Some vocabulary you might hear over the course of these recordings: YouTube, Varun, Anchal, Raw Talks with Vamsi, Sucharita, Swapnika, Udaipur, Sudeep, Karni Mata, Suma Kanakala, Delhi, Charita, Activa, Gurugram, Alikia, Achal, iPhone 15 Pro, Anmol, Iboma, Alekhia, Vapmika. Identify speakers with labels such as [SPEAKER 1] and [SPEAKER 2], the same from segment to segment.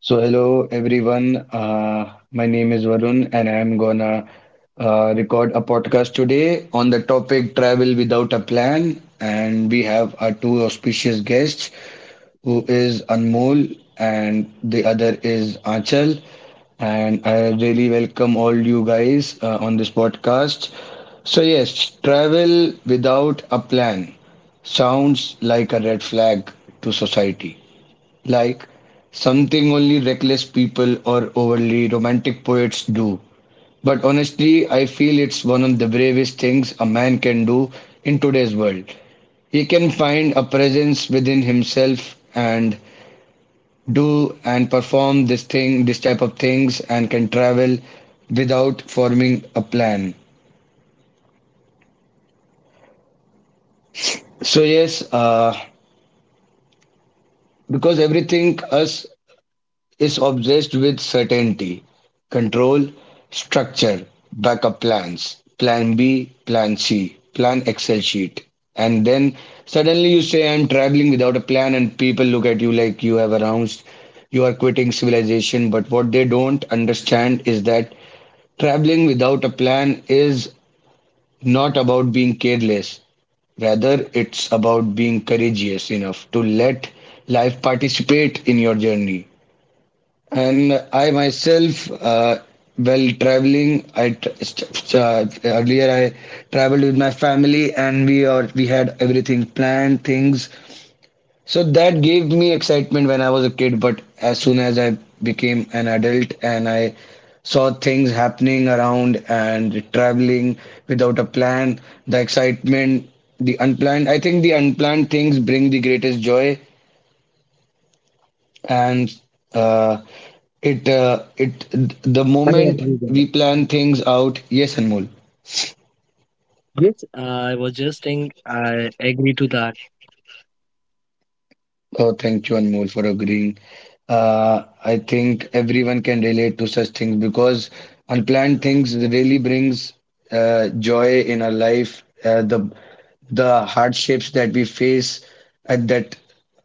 [SPEAKER 1] So, hello everyone. My name is Varun, and I'm gonna record a podcast today on the topic travel without a plan. And we have our two auspicious guests, who is Anmol and the other is Anchal. And I really welcome all you guys on this podcast. So, yes, travel without a plan sounds like a red flag to society, like something only reckless people or overly romantic poets do. But honestly, I feel it's one of the bravest things a man can do in today's world. He can find a presence within himself and do and perform this thing, this type of things, and can travel without forming a plan. So yes, because everything us is obsessed with certainty, control, structure, backup plans, plan B, plan C, plan Excel sheet. And then suddenly you say, I'm traveling without a plan, and people look at you like you have announced you are quitting civilization. But what they don't understand is that traveling without a plan is not about being careless. Rather, it's about being courageous enough to let life participate in your journey. And I myself, while traveling, I tr st- st- earlier I traveled with my family, and we had everything planned, things. So that gave me excitement when I was a kid. But as soon as I became an adult and I saw things happening around and traveling without a plan, the excitement, the unplanned. I think the unplanned things bring the greatest joy and uh, it the
[SPEAKER 2] I
[SPEAKER 1] moment
[SPEAKER 2] agree
[SPEAKER 1] we
[SPEAKER 2] there.
[SPEAKER 1] plan things out, yes Anmol.
[SPEAKER 2] Yes, I was just saying I agree to that.
[SPEAKER 1] Oh, thank you, Anmol, for agreeing. I think everyone can relate to such things because unplanned things really brings joy in our life. The hardships that we face at that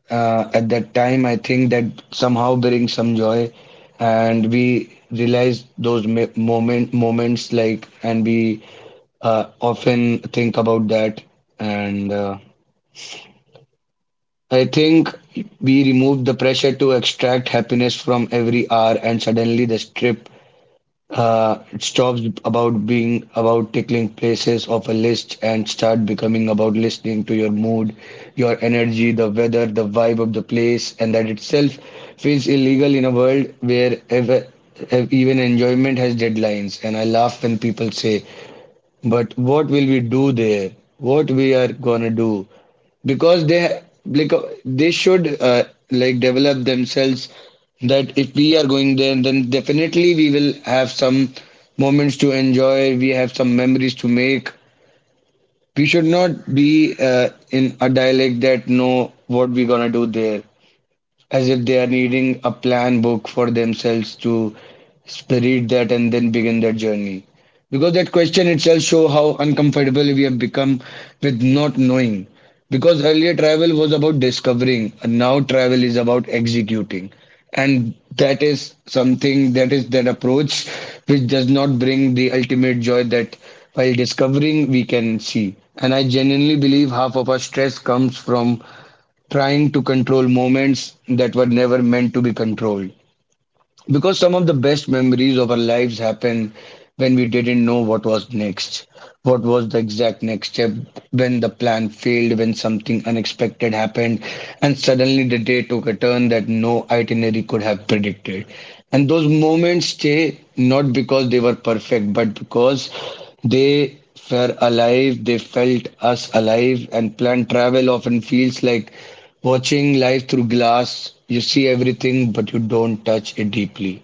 [SPEAKER 1] at that time, I think that somehow brings some joy, and we realize those moments like, and we often think about that and. I think we removed the pressure to extract happiness from every hour, and suddenly the strip it stops about being about tickling places of a list and start becoming about listening to your mood, your energy, the weather, the vibe of the place, and that itself feels illegal in a world where even enjoyment has deadlines. And I laugh when people say but what will we do there? What we are gonna do? Because they, they should, like, develop themselves that if we are going there, then definitely we will have some moments to enjoy. We have some memories to make. We should not be in a dialect that know what we gonna do there, as if they are needing a plan book for themselves to read that and then begin their journey. Because that question itself show how uncomfortable we have become with not knowing. Because earlier travel was about discovering, and now travel is about executing. And that is something that is that approach which does not bring the ultimate joy that while discovering we can see. And I genuinely believe half of our stress comes from trying to control moments that were never meant to be controlled. Because some of the best memories of our lives happen when we didn't know what was next, what was the exact next step, when the plan failed, when something unexpected happened, and suddenly the day took a turn that no itinerary could have predicted. And those moments stay not because they were perfect, but because they were alive, they felt us alive, and planned travel often feels like watching life through glass. You see everything but you don't touch it deeply.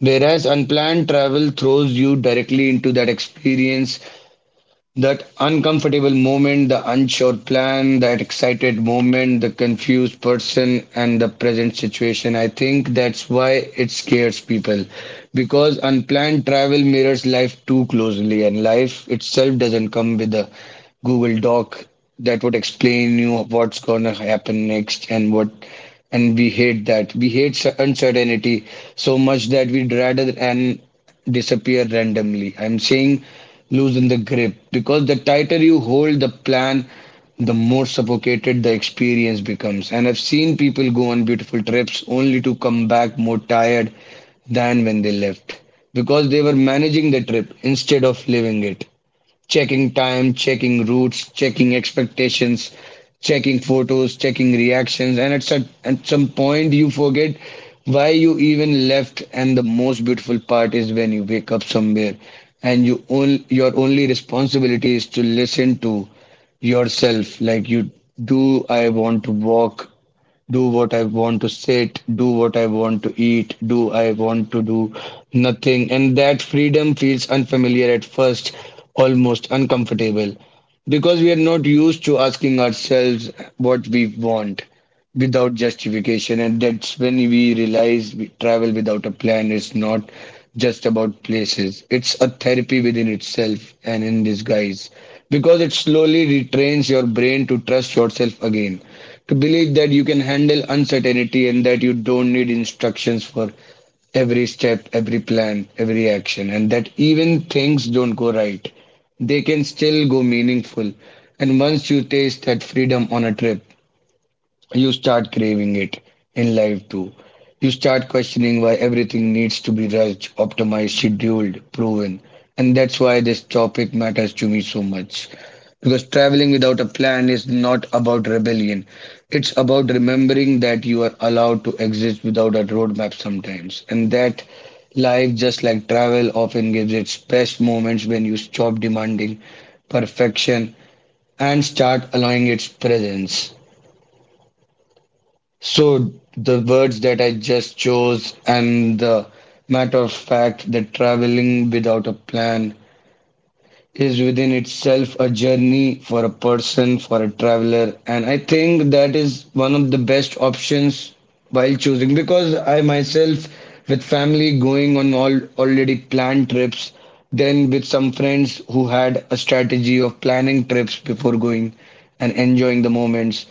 [SPEAKER 1] Whereas unplanned travel throws you directly into that experience, that uncomfortable moment, the unsure plan, that excited moment, the confused person, and the present situation. I think that's why it scares people, because unplanned travel mirrors life too closely, and life itself doesn't come with a Google Doc that would explain you what's gonna happen next and what. And we hate that. We hate uncertainty so much that we'd rather and disappear randomly. I'm saying loosen the grip, because the tighter you hold the plan, the more suffocated the experience becomes. And I've seen people go on beautiful trips only to come back more tired than when they left, because they were managing the trip instead of living it, checking time, checking routes, checking expectations, checking photos, checking reactions, and at some point you forget why you even left. And the most beautiful part is when you wake up somewhere, and your only responsibility is to listen to yourself. Like, you, do I want to walk, do what I want to sit, do what I want to eat, do I want to do nothing. And that freedom feels unfamiliar at first, almost uncomfortable, because we are not used to asking ourselves what we want without justification. And that's when we realize we travel without a plan is not just about places, it's a therapy within itself and in disguise, because it slowly retrains your brain to trust yourself again, to believe that you can handle uncertainty and that you don't need instructions for every step, every plan, every action, and that even things don't go right, they can still go meaningful. And once you taste that freedom on a trip, you start craving it in life too. You start questioning why everything needs to be rushed, optimized, scheduled, proven. And that's why this topic matters to me so much. Because traveling without a plan is not about rebellion. It's about remembering that you are allowed to exist without a roadmap sometimes. And that life, just like travel, often gives its best moments when you stop demanding perfection and start allowing its presence. So, the words that I just chose and the matter of fact that traveling without a plan is within itself a journey for a person, for a traveler. And I think that is one of the best options while choosing, because I myself, with family going on all already planned trips, then with some friends who had a strategy of planning trips before going and enjoying the moments.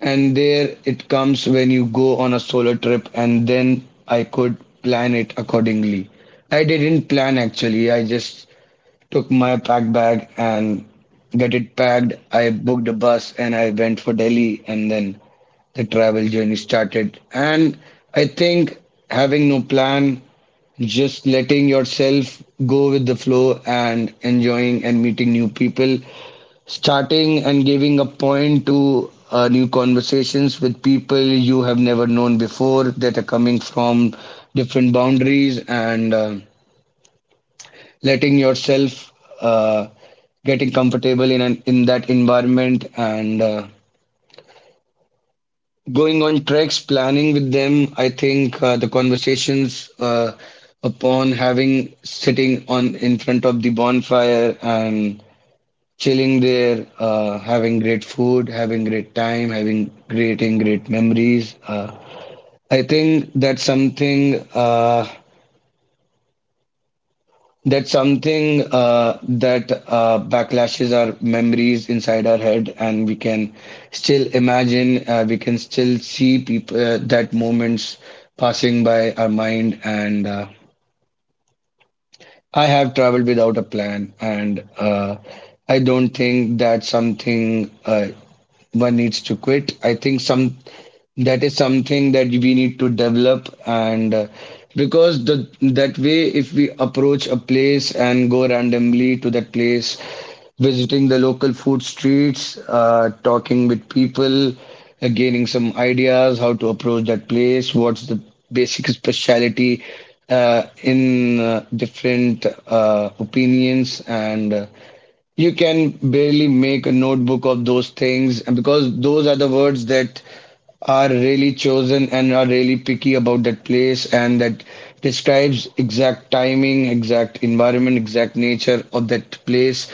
[SPEAKER 1] And there it comes when you go on a solo trip, and then I could plan it accordingly. I didn't plan actually. I just took my pack bag and get it packed. I booked a bus and I went for Delhi, and then the travel journey started. And I think having no plan, just letting yourself go with the flow and enjoying and meeting new people, starting and giving a point to new conversations with people you have never known before that are coming from different boundaries, and letting yourself uh, getting comfortable in in that environment, and going on treks planning with them. I think the conversations, upon having sitting on in front of the bonfire and chilling there, having great food, having great time, having creating great memories. I think that's something that's something, that backlashes our memories inside our head, and we can still imagine, we can still see people, that moments passing by our mind. And I have traveled without a plan, and I don't think that's something one needs to quit. I think some that is something that we need to develop, and because the that way if we approach a place and go randomly to that place, visiting the local food streets, talking with people, gaining some ideas how to approach that place, what's the basic speciality in different opinions, and you can barely make a notebook of those things, and because those are the words that are really chosen and are really picky about that place and that describes exact timing, exact environment, exact nature of that place.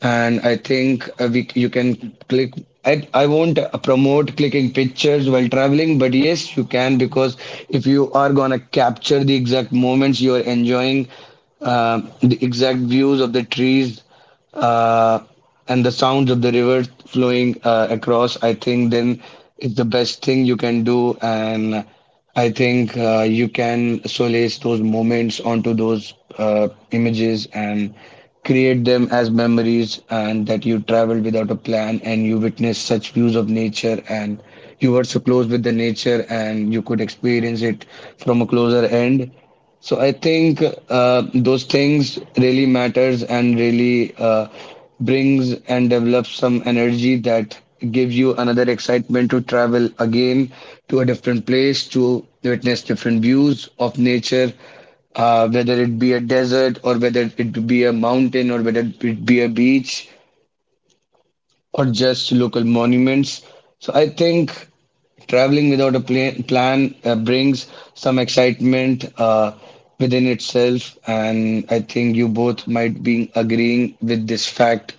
[SPEAKER 1] And I think we you can click. I won't promote clicking pictures while traveling, but yes, you can, because if you are gonna capture the exact moments you are enjoying, the exact views of the trees, uh, and the sounds of the river flowing across, I think then it's the best thing you can do. And I think you can solace those moments onto those images and create them as memories, and that you traveled without a plan and you witnessed such views of nature and you were so close with the nature and you could experience it from a closer end. So I think those things really matters and really brings and develops some energy that gives you another excitement to travel again to a different place, to witness different views of nature, whether it be a desert or whether it be a mountain or whether it be a beach or just local monuments. So I think traveling without a plan brings some excitement within itself, and I think you both might be agreeing with this fact,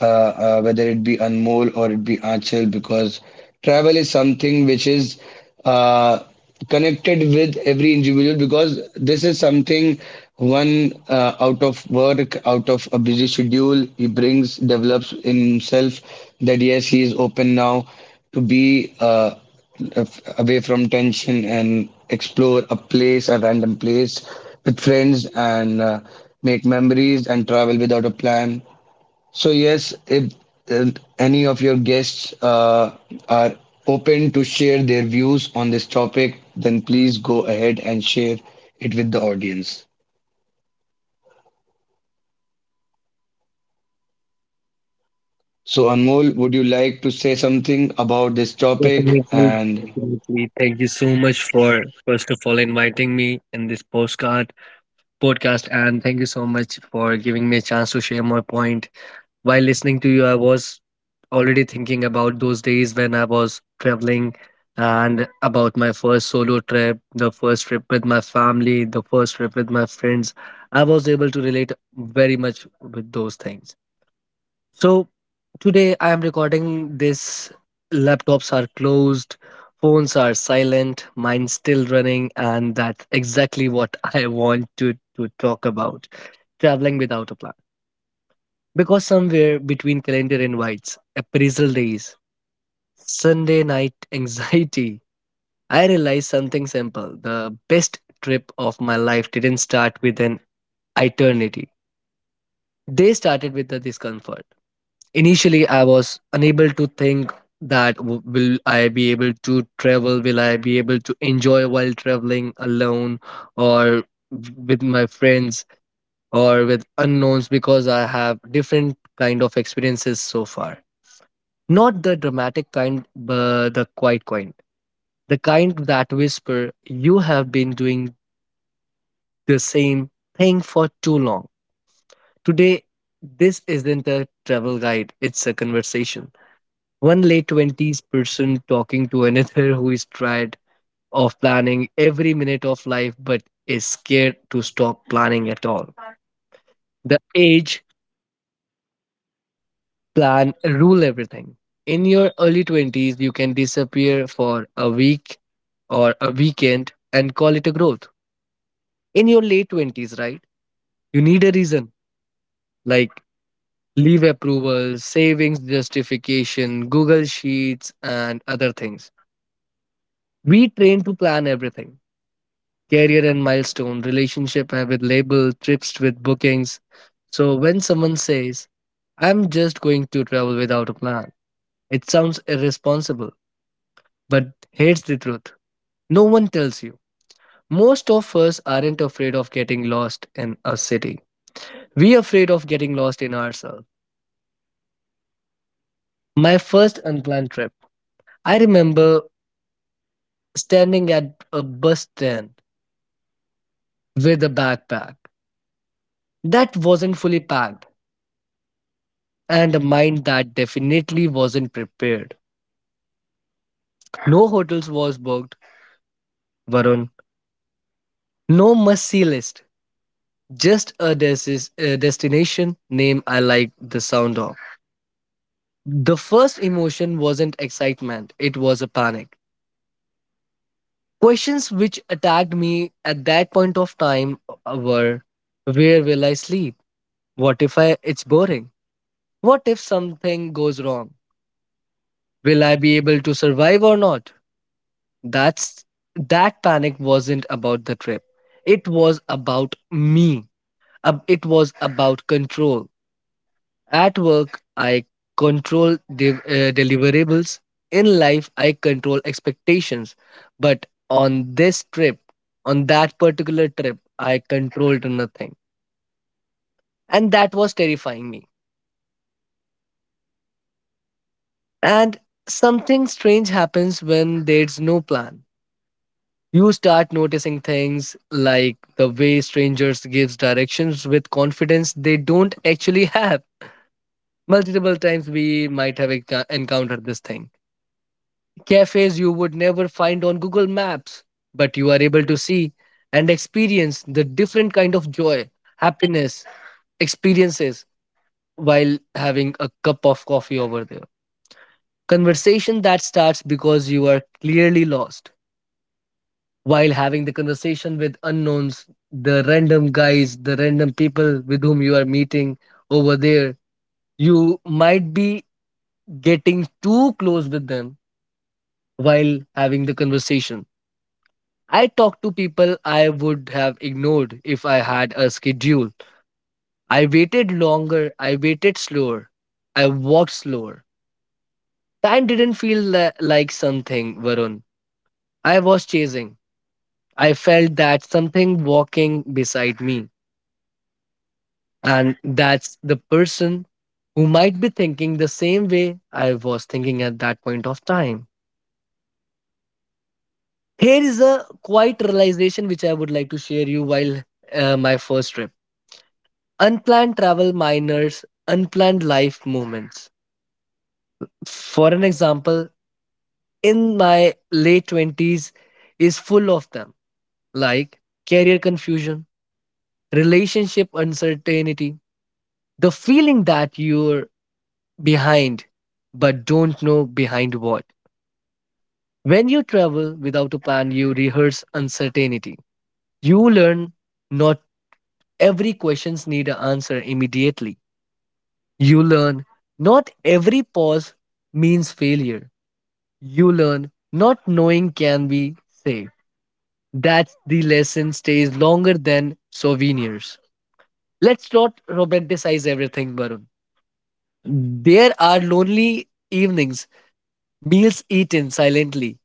[SPEAKER 1] whether it be Anmol or it be Aanchal, because travel is something which is uh, connected with every individual, because this is something one out of work, out of a busy schedule, he brings, develops in himself that yes, he is open now to be away from tension and explore a place, a random place with friends, and make memories and travel without a plan. So yes, if uh, any of your guests are open to share their views on this topic, then please go ahead and share it with the audience. So Anmol, would you like to say something about this topic?
[SPEAKER 2] Definitely,
[SPEAKER 1] And
[SPEAKER 2] definitely. Thank you so much for first of all inviting me in this postcard podcast, and thank you so much for giving me a chance to share my point. While listening to you, I was already thinking about those days when I was traveling and about my first solo trip, the first trip with my family, the first trip with my friends. I was able to relate very much with those things. So today I am recording this. Laptops are closed, phones are silent, mine's still running, and that's exactly what I want to talk about traveling without a plan. Because somewhere between calendar invites, appraisal days, Sunday night anxiety, I realized something simple. The best trip of my life didn't start with an eternity, they started with the discomfort. Initially, I was unable to think that will I be able to travel? Will I be able to enjoy while traveling alone or with my friends or with unknowns because I have different kind of experiences so far. Not the dramatic kind, but the quiet kind. The kind that whisper, you have been doing the same thing for too long. Today, this isn't a travel guide, it's a conversation. One late 20s person talking to another who is tired of planning every minute of life but is scared to stop planning at all. The age plan rule everything. In your early 20s, you can disappear for a week or a weekend and call it a growth. In your late 20s, right? You need a reason like leave approval, savings justification, Google Sheets, and other things. We train to plan everything career and milestone, relationship with label, trips with bookings. So when someone says, I'm just going to travel without a plan, it sounds irresponsible, but here's the truth no one tells you. Most of us aren't afraid of getting lost in a city. We are afraid of getting lost in ourselves. My first unplanned trip, I remember standing at a bus stand with a backpack that wasn't fully packed and a mind that definitely wasn't prepared. No hotels was booked, Varun. No must-see list. Just a destination name I liked the sound of. The first emotion wasn't excitement, it was a panic. Questions which attacked me at that point of time were, where will I sleep? What if I it's boring? What if something goes wrong? Will I be able to survive or not? That's that panic wasn't about the trip. It was about me. It was about control. At work, I control deliverables. In life, I control expectations. But on this trip, on that particular trip, I controlled nothing. And that was terrifying me. And something strange happens when there's no plan. You start noticing things like the way strangers gives directions with confidence they don't actually have, multiple times we might have encountered this thing, cafes you would never find on Google Maps, but you are able to see and experience the different kind of joy, happiness, experiences while having a cup of coffee over there. Conversation that starts because you are clearly lost while having the conversation with unknowns, the random guys, the random people with whom you are meeting over there. You might be getting too close with them while having the conversation. I talked to people I would have ignored if I had a schedule. I waited longer, I waited slower, I walked slower. Time didn't feel like something, Varun, I was chasing. I felt that something walking beside me. And that's the person who might be thinking the same way I was thinking at that point of time. Here is a quiet realization which I would like to share you while my first trip. Unplanned travel minors, unplanned life moments. For an example, in my late 20s is full of them, like career confusion, relationship uncertainty, the feeling that you're behind but don't know behind what. When you travel without a plan, you rehearse uncertainty. You learn not every questions need an answer immediately. You learn not every pause means failure. You learn not knowing can be saved. That the lesson stays longer than souvenirs. Let's not romanticize everything, Varun. There are lonely evenings, meals eaten silently,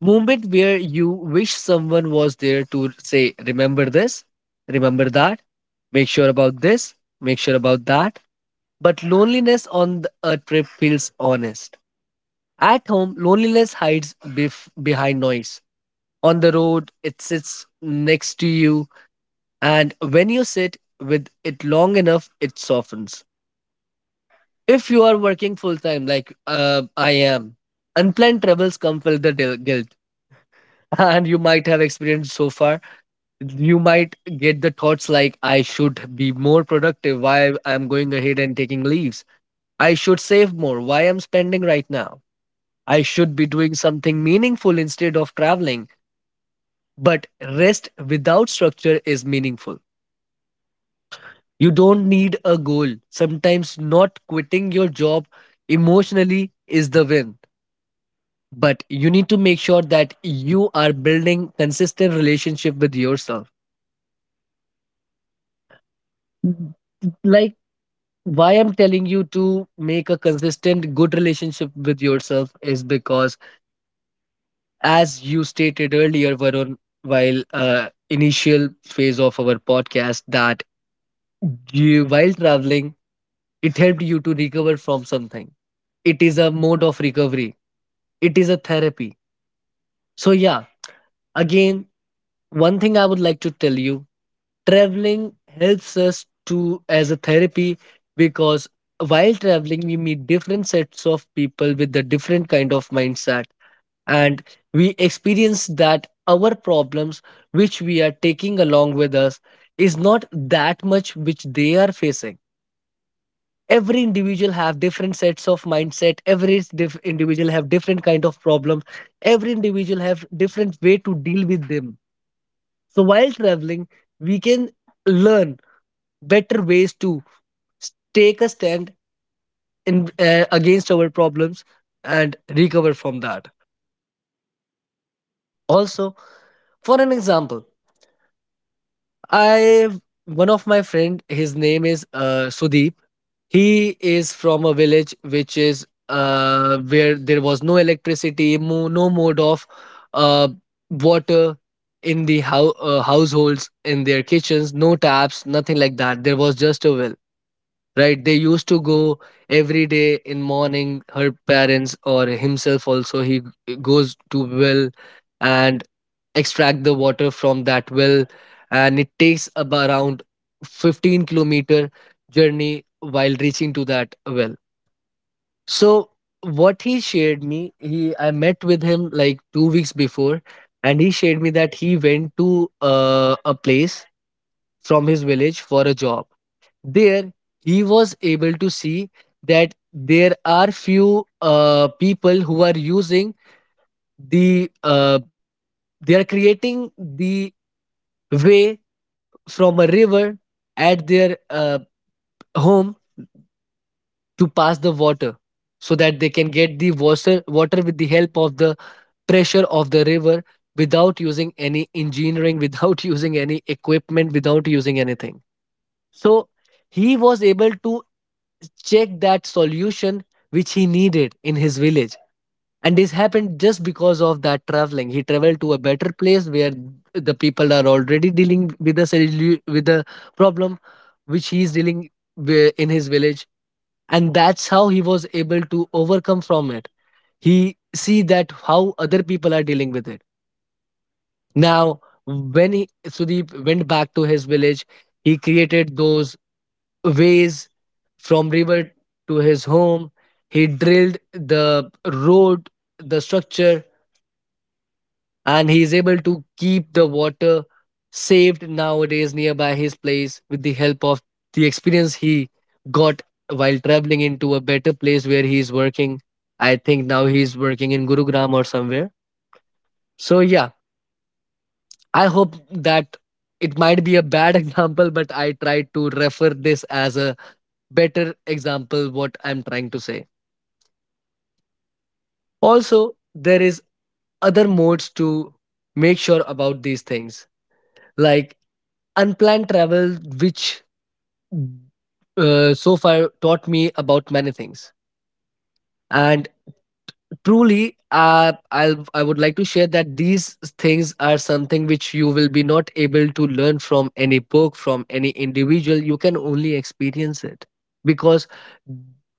[SPEAKER 2] moment where you wish someone was there to say, remember this, remember that, make sure about this, make sure about that. But loneliness on a trip feels honest. At home, loneliness hides behind noise. On the road, it sits next to you, and when you sit with it long enough, it softens. If you are working full time, like I am, unplanned travels come with the guilt, and you might have experienced so far. You might get the thoughts like, I should be more productive, why I'm going ahead and taking leaves. I should save more, why I'm spending right now. I should be doing something meaningful instead of traveling. But rest without structure is meaningful. You don't need a goal. Sometimes not quitting your job emotionally is the win. But you need to make sure that you are building consistent relationship with yourself. Mm, Like, why I'm telling you to make a consistent good relationship with yourself is because, as you stated earlier Varun, while initial phase of our podcast, that you while traveling, it helped you to recover from something. It is a mode of recovery. It is a therapy. So, yeah, again, one thing I would like to tell you, traveling helps us to as a therapy, because while traveling we meet different sets of people with a different kind of mindset, and we experience that our problems which we are taking along with us is not that much which they are facing. Every individual have different sets of mindset, every individual have different kind of problems, every individual have different way to deal with them. So while traveling, we can learn better ways to take a stand in against our problems and recover from that. Also, for an example, I, one of my friend, his name is Sudeep. He is from a village which is where there was no electricity, no mode of uh, water in the households, in their kitchens, no taps, nothing like that. There was just a well, right? They used to go every day in morning. Her parents or himself also, he goes to well, and extract the water from that well, and it takes around 15-kilometer journey while reaching to that well. So what he shared me, he, I met with him like 2 weeks before, and he shared me that he went to a place from his village for a job. There he was able to see that there are few people who are using the they are creating the way from a river at their home to pass the water so that they can get the water, water with the help of the pressure of the river, without using any engineering, without using any equipment, without using anything. So he was able to check that solution which he needed in his village, and this happened just because of that traveling. He traveled to a better place where the people are already dealing with the with the problem which he is dealing in his village, and that's how he was able to overcome from it. He see that how other people are dealing with it. Now when he, Sudeep, went back to his village, he created those ways from river to his home. He drilled the road, the structure, and he's able to keep the water saved nowadays nearby his place with the help of the experience he got while traveling into a better place where he is working. I think now he's working in Gurugram or somewhere. So yeah, I hope that it might be a bad example, but I tried to refer this as a better example what I'm trying to say. Also, there is other modes to make sure about these things. Like unplanned travel, which so far taught me about many things. And truly, I would like to share that these things are something which you will be not able to learn from any book, from any individual. You can only experience it, because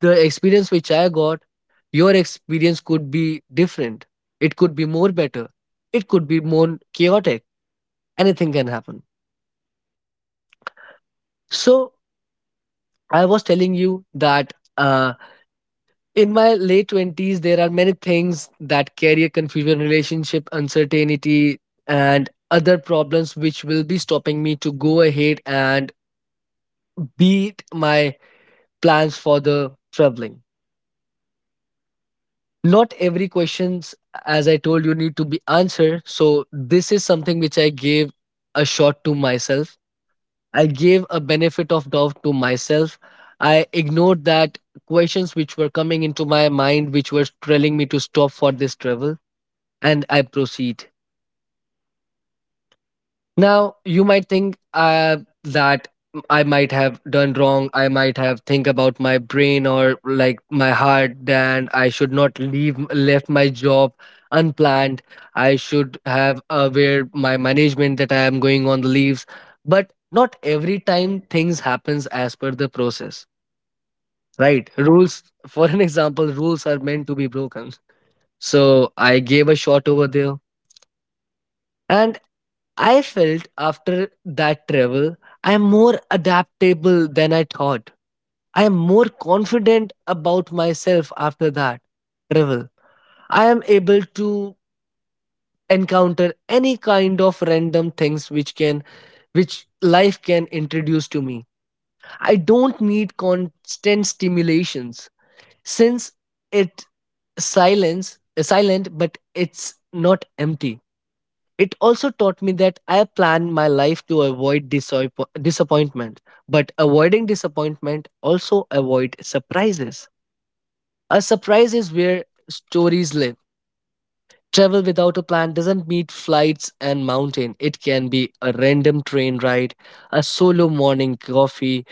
[SPEAKER 2] the experience which I got, your experience could be different. It could be more better. It could be more chaotic. Anything can happen. So I was telling you that. In my late 20s there are many things that career confusion, relationship uncertainty, and other problems which will be stopping me to go ahead and beat my plans for the traveling. Not every questions, as I told you, need to be answered. So this is something which I gave a shot to myself, I gave a benefit of doubt to myself. I ignored that questions which were coming into my mind which were telling me to stop for this travel, and I proceed. Now, you might think that I might have done wrong. I might have think about my brain or like my heart. Then I should not leave left my job unplanned. I should have aware my management that I am going on the leaves. But not every time things happens as per the process, right? Rules, for an example, rules are meant to be broken. So I gave a shot over there, and I felt after that travel, I am more adaptable than I thought. I am more confident about myself after that travel. I am able to encounter any kind of random things which can, which life can introduce to me. I don't need constant stimulations since it silence silent, but it's not empty. It also taught me that I plan my life to avoid disappointment, but avoiding disappointment also avoid surprises. A surprise is where stories live. Travel without a plan doesn't mean flights and mountain. It can be a random train ride, a solo morning coffee,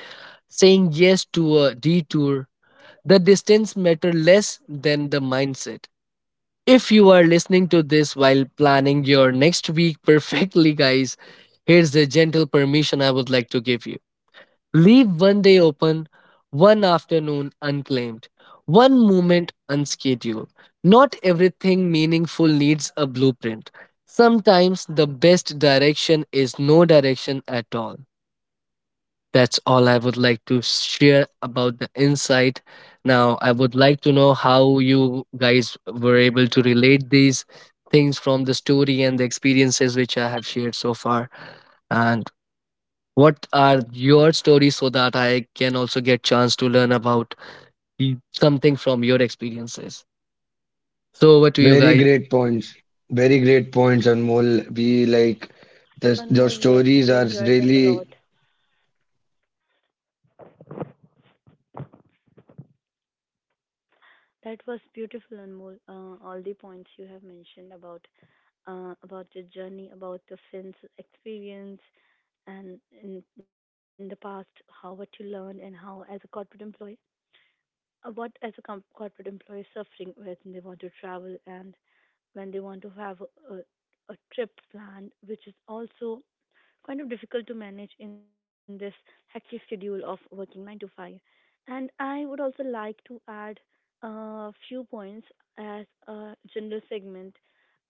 [SPEAKER 2] saying yes to a detour. The distance matter less than the mindset. If you are listening to this while planning your next week perfectly, guys, here's the gentle permission I would like to give you. Leave one day open, one afternoon unclaimed, one moment unscheduled. Not everything meaningful needs a blueprint. Sometimes the best direction is no direction at all. That's all I would like to share about the insight. Now, I would like to know how you guys were able to relate these things from the story and the experiences which I have shared so far. And what are your stories so that I can also get chance to learn about something from your experiences. So over to you
[SPEAKER 1] very
[SPEAKER 2] guys.
[SPEAKER 1] great points. Very great points, Anmol. We like this, your
[SPEAKER 3] Anmol, yes,
[SPEAKER 1] stories
[SPEAKER 3] we
[SPEAKER 1] are
[SPEAKER 3] enjoyed them a lot.
[SPEAKER 1] really.
[SPEAKER 3] That was beautiful, Anmol. All the points you have mentioned about your journey, about the Finn's experience, and in the past, how what you learned, and how as a corporate employee, what as a corporate employee is suffering when they want to travel and when they want to have a trip planned, which is also kind of difficult to manage in this hectic schedule of working 9 to 5. And I would also like to add a few points as a general segment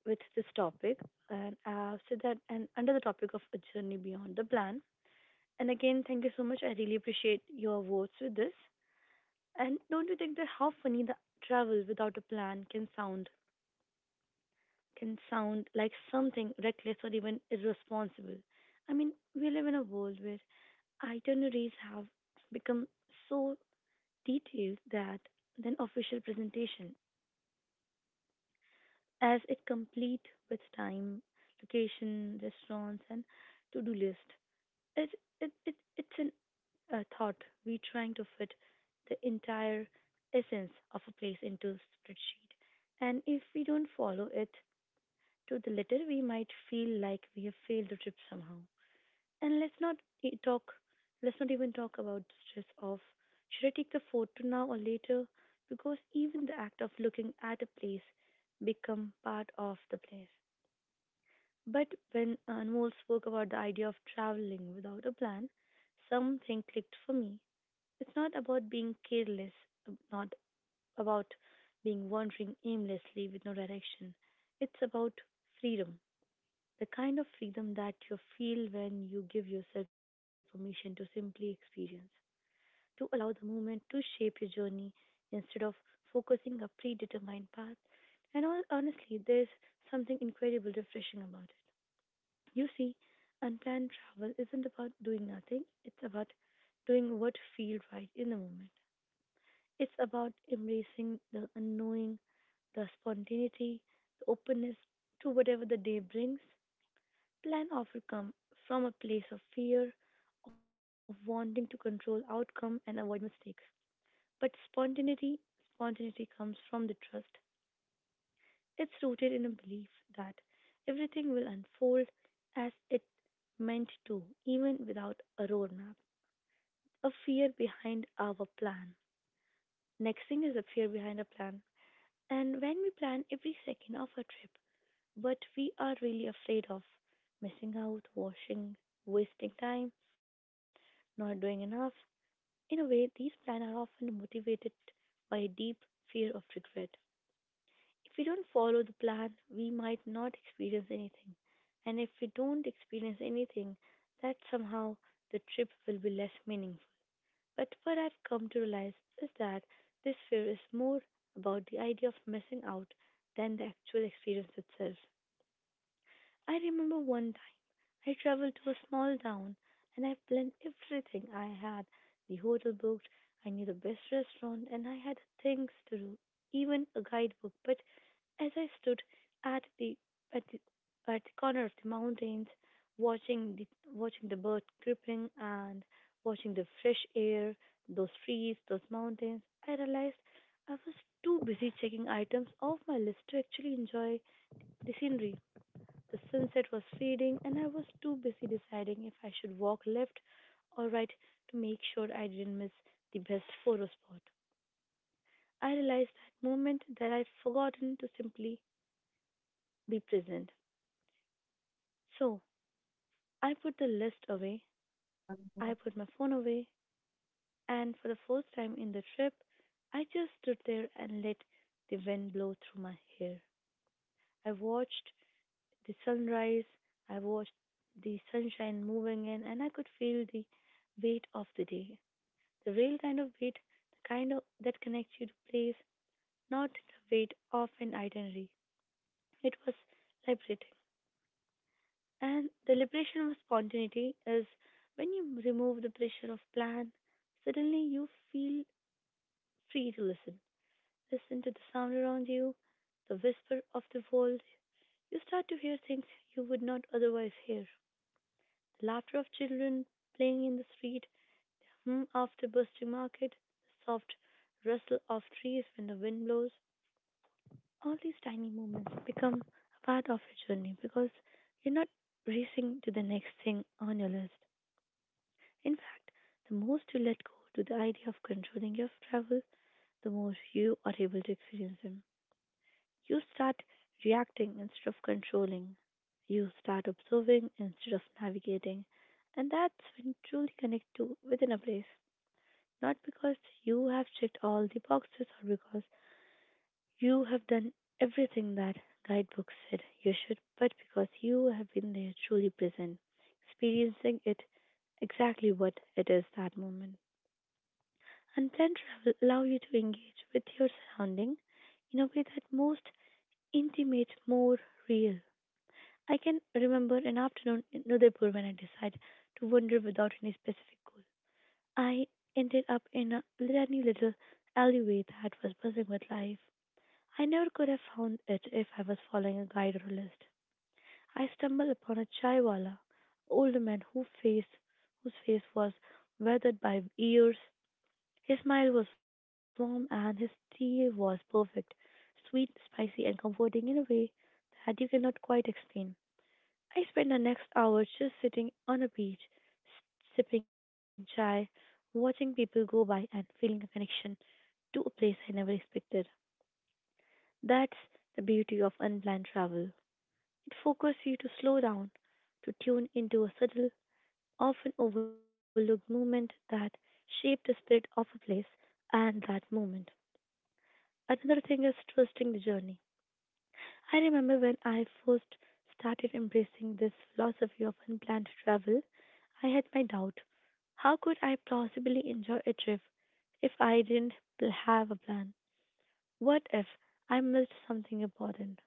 [SPEAKER 3] with this topic, and so that and under the topic of a journey beyond the plan. And again, thank you so much. I really appreciate your votes with this. And don't you think that how funny the travel without a plan can sound? Can sound like something reckless or even irresponsible. I mean, we live in a world where itineraries have become so detailed that than official presentation, as it complete with time, location, restaurants, and to-do list. It, it, it, it's an, a thought we trying to fit the entire essence of a place into spreadsheet, and if we don't follow it to the letter, we might feel like we have failed the trip somehow. And let's not e- talk, let's not even talk about stress of should I take the photo now or later? Because even the act of looking at a place become part of the place. But when Anmol spoke about the idea of traveling without a plan, something clicked for me. It's not about being careless, not about being wandering aimlessly with no direction. It's about freedom the kind of freedom that you feel when you give yourself permission to simply experience, to allow the moment to shape your journey instead of focusing a predetermined path. And honestly, there's something incredible refreshing about it. You see, unplanned travel isn't about doing nothing, it's about doing what feels right in the moment. It's about embracing the unknowing, the spontaneity, the openness to whatever the day brings. Plan often come from a place of fear, of wanting to control outcome and avoid mistakes. But spontaneity, spontaneity comes from the trust. It's rooted in a belief that everything will unfold as it meant to, even without a roadmap. A fear behind our plan. Next thing is a fear behind a plan. And when we plan every second of a trip, but we are really afraid of missing out, washing, wasting time, not doing enough. In a way, these plans are often motivated by a deep fear of regret. If we don't follow the plan, we might not experience anything. And if we don't experience anything, that somehow the trip will be less meaningful. But what I've come to realize is that this fear is more about the idea of missing out than the actual experience itself. I remember one I traveled to a small town and I planned everything I had the hotel booked, I knew the best restaurant, and I had things to do, even a guidebook. But as I stood at the at the, at the corner of the mountains, watching the watching the bird creeping and watching the fresh air, those trees, those mountains, I realized I was too busy checking items off my list to actually enjoy the scenery. The sunset was fading, and I was too busy deciding if I should walk left or right to make sure I didn't miss the best photo spot. I realized that moment that I'd forgotten to simply be present. So I put the list away, I put my phone away, and for the first time in the trip, I just stood there and let the wind blow through my hair. I watched the sunrise, I watched the sunshine moving in, and I could feel the weight of the day. The real kind of weight, the kind of, that connects you to place, not the weight of an itinerary. It was liberating. And the liberation of spontaneity is when you remove the pressure of plan, suddenly you feel free to listen. Listen to the sound around you, the whisper of the world. You start to hear things you would not otherwise hear. The laughter of children playing in the street, hum of the bustling market, the soft rustle of trees when the wind blows. All these tiny moments become a part of your journey because you're not racing to the next thing on your list. In fact, the most you let go to the idea of controlling your travel, the more you are able to experience them. You start reacting instead of controlling. You start observing instead of navigating. And that's when you truly connect to within a place. Not because you have checked all the boxes or because you have done everything that guidebook said you should, but because you have been there truly present, experiencing it exactly what it is that moment. Unplanned travel allow you to engage with your surrounding in a way that most intimate, more real. I can remember an afternoon in Udaipur when I decided to wander without any specific goal. I ended up in a tiny little alleyway that was buzzing with life. I never could have found it if I was following a guide or a list. I stumbled upon a chaiwala, old man whose face was weathered by years. His smile was warm and his tea was perfect, sweet, spicy, and comforting in a way that you cannot quite explain. I spent the next hour just sitting on a beach, sipping chai, watching people go by, and feeling a connection to a place I never expected. That's the beauty of unplanned travel. It forces you to slow down, to tune into a subtle, often overlooked movement that shaped the spirit of a place and that moment. Another thing is trusting the journey. I remember when I first started embracing this philosophy of unplanned travel, I had my doubt. How could I possibly enjoy a trip if I didn't have a plan? What if I missed something important?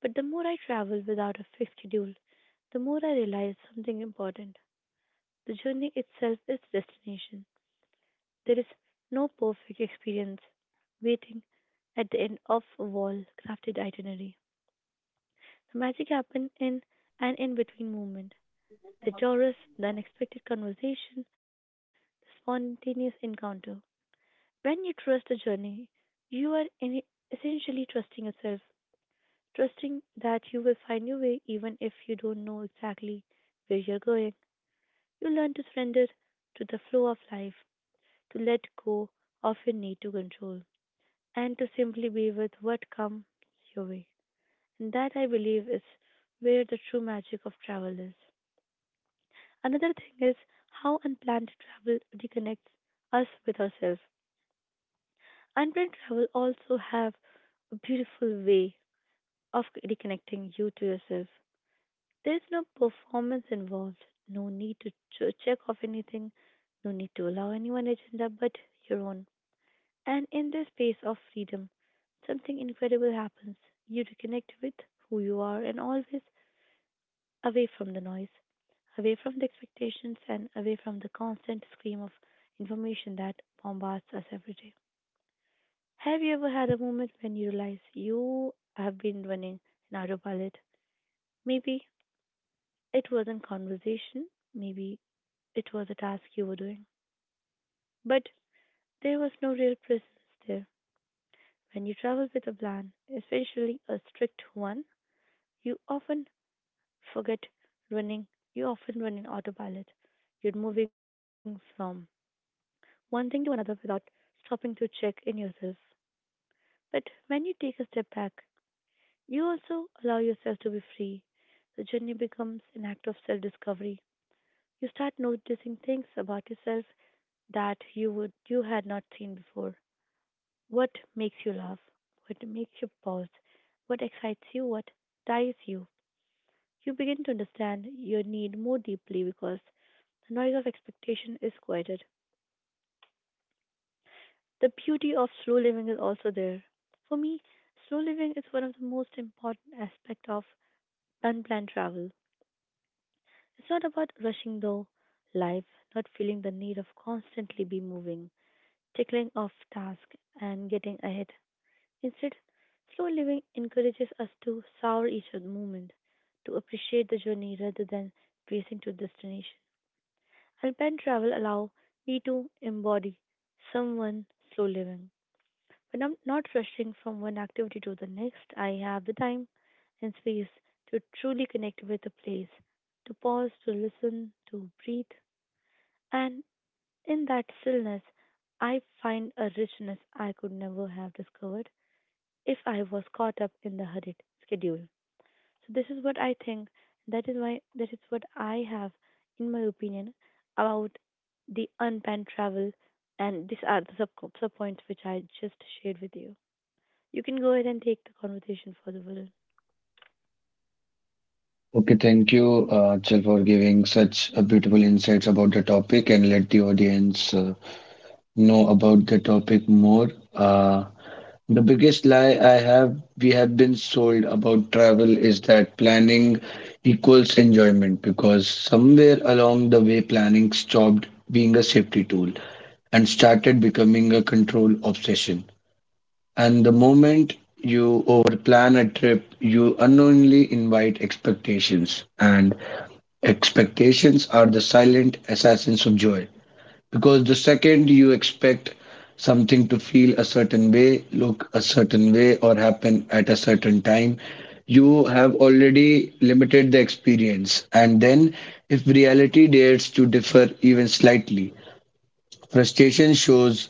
[SPEAKER 3] But the more I travel without a fixed schedule, the more I realize something important. The journey itself is destination. There is no perfect experience waiting at the end of a wall crafted itinerary. The magic happens in an in between moment. The tourist, the unexpected conversation, the spontaneous encounter. When you trust the journey, you are essentially trusting yourself. Trusting that you will find your way even if you don't know exactly where you're going, you learn to surrender to the flow of life, to let go of your need to control, and to simply be with what comes your way. And that, I believe, is where the true magic of travel is. Another thing is how unplanned travel reconnects us with ourselves. Unplanned travel also have a beautiful way of reconnecting you to yourself. There's no performance involved, no need to check off anything, no need to allow anyone's agenda but your own. And in this space of freedom, something incredible happens. You reconnect with who you are and always away from the noise, away from the expectations, and away from the constant scream of information that bombards us every day. Have you ever had a moment when you realize you have been running an autopilot? Maybe it wasn't conversation, maybe it was a task you were doing. But there was no real presence there. When you travel with a plan, especially a strict one, you often forget running, you often run in autopilot. You're moving from one thing to another without stopping to check in yourself. But when you take a step back, you also allow yourself to be free. The journey becomes an act of self discovery. You start noticing things about yourself that you had not seen before. What makes you laugh? What makes you pause? What excites you? What tires you? You begin to understand your need more deeply because the noise of expectation is quieted. The beauty of slow living is also there. For me, slow living is one of the most important aspects of unplanned travel. It's not about rushing though life, not feeling the need of constantly be moving, tickling off tasks and getting ahead. Instead, slow living encourages us to savor each moment, to appreciate the journey rather than racing to destination. Alpine travel allow me to embody someone slow living. When I'm not rushing from one activity to the next, I have the time and space to truly connect with the place, to pause, to listen, to breathe. And in that stillness, I find a richness I could never have discovered if I was caught up in the hurried schedule. So this is what I think. That is what I have, in my opinion, about the unplanned travel, and these are the sub points which I just shared with you. You can go ahead and take the conversation further, Varun.
[SPEAKER 1] Okay, thank you, Achal, for giving such a beautiful insights about the topic and let the audience know about the topic more. The biggest lie I have we have been sold about travel is that planning equals enjoyment, because somewhere along the way planning stopped being a safety tool and started becoming a control obsession. And the moment you overplan a trip, you unknowingly invite expectations, and expectations are the silent assassins of joy. Because the second you expect something to feel a certain way, look a certain way, or happen at a certain time, you have already limited the experience. And then, if reality dares to differ even slightly, frustration shows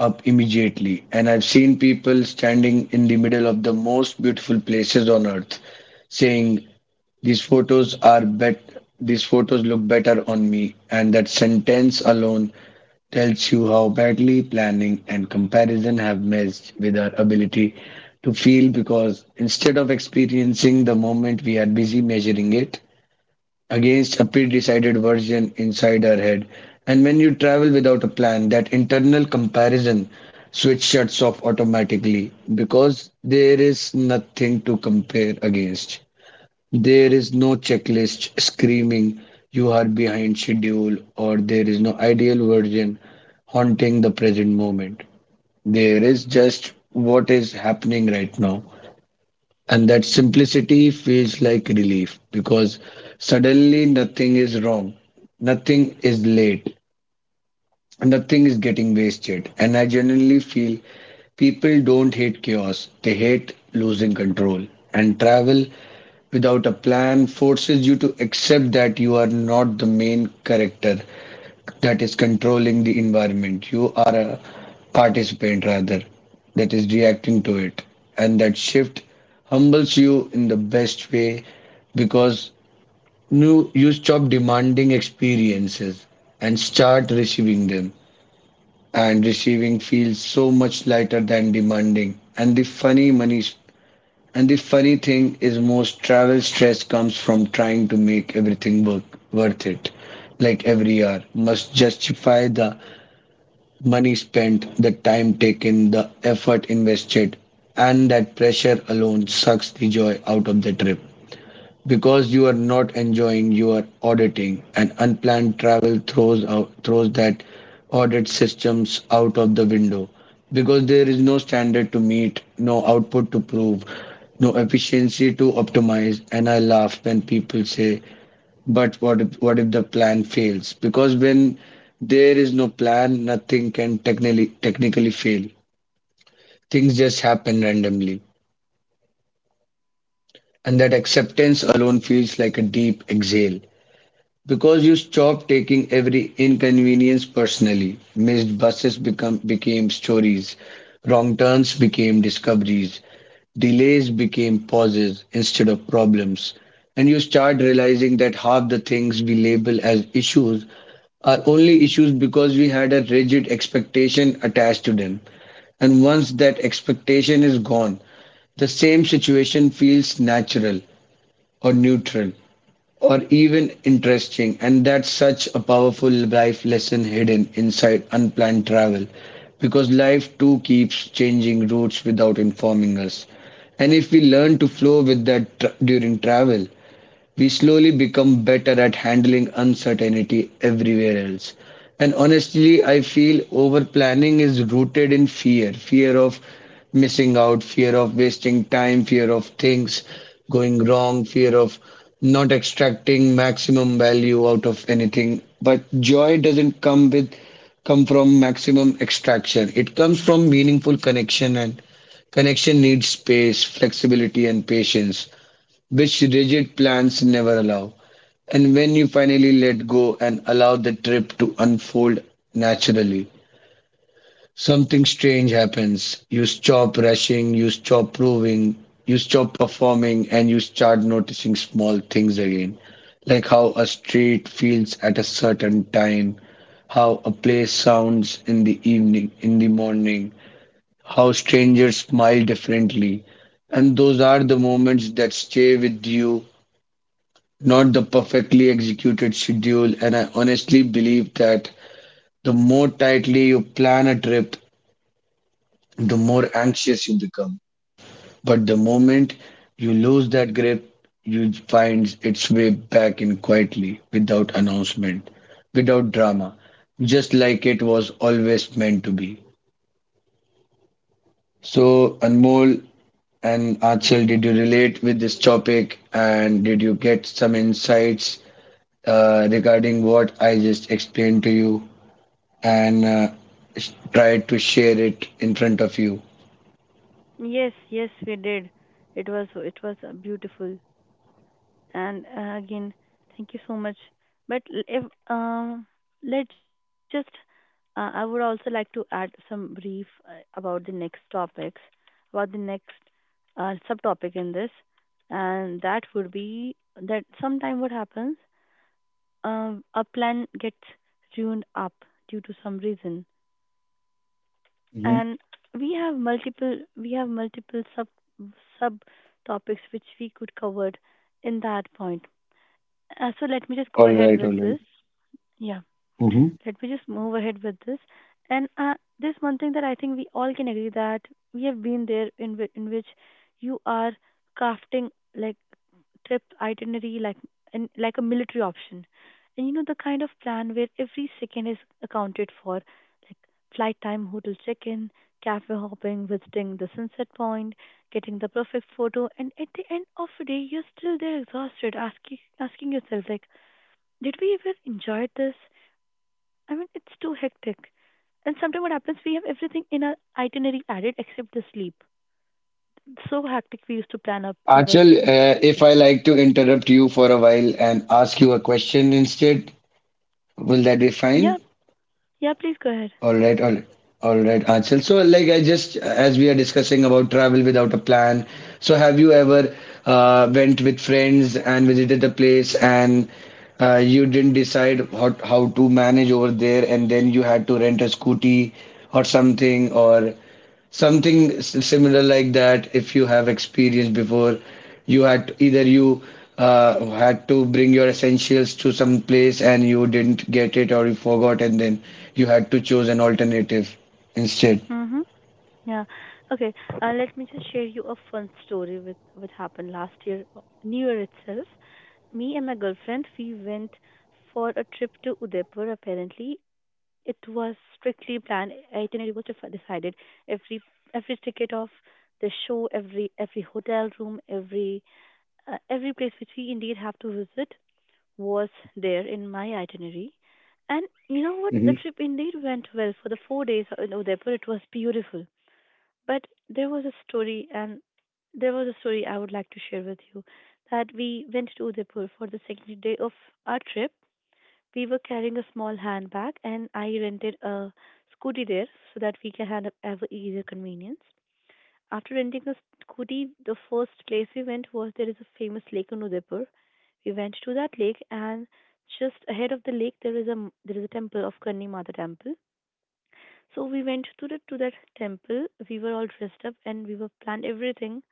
[SPEAKER 1] up immediately. And I've seen people standing in the middle of the most beautiful places on earth saying, these photos are bet these photos look better on me, and that sentence alone tells you how badly planning and comparison have messed with our ability to feel, because instead of experiencing the moment, we are busy measuring it against a pre decided version inside our head. And when you travel without a plan, that internal comparison switch shuts off automatically, because there is nothing to compare against. There is no checklist screaming you are behind schedule, or there is no ideal version haunting the present moment. There is just what is happening right now. And that simplicity feels like relief because suddenly nothing is wrong, nothing is late, nothing is getting wasted. And I genuinely feel people don't hate chaos, they hate losing control. And travel without a plan forces you to accept that you are not the main character that is controlling the environment. You are a participant rather that is reacting to it. And that shift humbles you in the best way, because you stop demanding experiences and start receiving them. And receiving feels so much lighter than demanding. And the funny thing is, most travel stress comes from trying to make everything work worth it. Like every hour must justify the money spent, the time taken, the effort invested, and that pressure alone sucks the joy out of the trip. Because you are not enjoying, your auditing, and unplanned travel throws out throws that audit systems out of the window. Because there is no standard to meet, no output to prove, no efficiency to optimize. And I laugh when people say, "But what if the plan fails?" Because when there is no plan, nothing can technically fail. Things just happen randomly, and that acceptance alone feels like a deep exhale. Because you stopped taking every inconvenience personally, missed buses became stories, wrong turns became discoveries, delays became pauses instead of problems, and you start realizing that half the things we label as issues are only issues because we had a rigid expectation attached to them. And once that expectation is gone, the same situation feels natural or neutral or even interesting. And that's such a powerful life lesson hidden inside unplanned travel, because life too keeps changing routes without informing us. And if we learn to flow with that tr during travel, we slowly become better at handling uncertainty everywhere else. And honestly, I feel over planning is rooted in fear of missing out, fear of wasting time, fear of things going wrong, fear of not extracting maximum value out of anything. But joy doesn't come from maximum extraction. It comes from meaningful connection, and connection needs space, flexibility and patience, which rigid plans never allow. And when you finally let go and allow the trip to unfold naturally, something strange happens. You stop rushing, you stop proving, you stop performing, and you start noticing small things again. Like how a street feels at a certain time, how a place sounds in the evening, in the morning, how strangers smile differently. And those are the moments that stay with you, not the perfectly executed schedule. And I honestly believe that the more tightly you plan a trip, the more anxious you become. But the moment you lose that grip, you find its way back in quietly, without announcement, without drama, just like it was always meant to be. So, Anmol and Achal, did you relate with this topic and did you get some insights regarding what I just explained to you? And try to share it in front of you.
[SPEAKER 3] Yes, yes, we did. It was beautiful. And again, thank you so much. But l- if um, let's just, I would also like to add some brief, about the next topics, about the next subtopic in this, and that would be that sometime what happens, a plan gets tuned up due to some reason,
[SPEAKER 1] Hmm.
[SPEAKER 3] and we have multiple sub topics which we could cover in that point. So let me just go
[SPEAKER 1] All
[SPEAKER 3] ahead
[SPEAKER 1] right,
[SPEAKER 3] with
[SPEAKER 1] all right.
[SPEAKER 3] this. Yeah,
[SPEAKER 1] Hmm.
[SPEAKER 3] let me just move ahead with this. And there's one thing that I think we all can agree, that we have been there in which you are crafting like trip itinerary, like and like a military option, and you know, the kind of plan where every second is accounted for, like flight time, hotel check-in, cafe hopping, visiting the sunset point, getting the perfect photo, and at the end of the day you're still there exhausted, asking yourself, like, did we ever enjoy this? I mean, it's too hectic. And sometimes what happens, we have everything in our itinerary added except the sleep. So hectic we used to plan up our.
[SPEAKER 1] Achal, if I like to interrupt you for a while and ask you a question instead, will that be fine?
[SPEAKER 3] Yeah, yeah, please go ahead.
[SPEAKER 1] All right, all right. All right, Achal. So, like I just, as we are discussing about travel without a plan, so have you ever went with friends and visited a place, and you didn't decide how to manage over there, and then you had to rent a scooty or similar like that? If you have experience before, you had, either you had to bring your essentials to some place and you didn't get it, or you forgot and then you had to choose an alternative instead.
[SPEAKER 3] Mm-hmm. Yeah. Okay. Let me just share you a fun story with what happened last year, New Year itself. Me and my girlfriend, we went for a trip to Udaipur. Apparently, it was strictly planned. Itinerary was decided. Every every ticket of the show, every hotel room, every place which we indeed have to visit was there in my itinerary. And you know what? The
[SPEAKER 1] Mhm.
[SPEAKER 3] trip indeed went well for the 4 days in Udaipur. It was beautiful, but there was a story, and there was a story I would like to share with you, that we went to Udaipur for the second day of our trip. We were carrying a small handbag, and I rented a scooty there so that we can have ever easier convenience. After renting a scooty, the first place we went was, there is a famous lake in Udaipur. We went to that lake, and just ahead of the lake there is a temple, of Karni Mata temple. So we went to the to that temple. We were all dressed up and we were planned everything,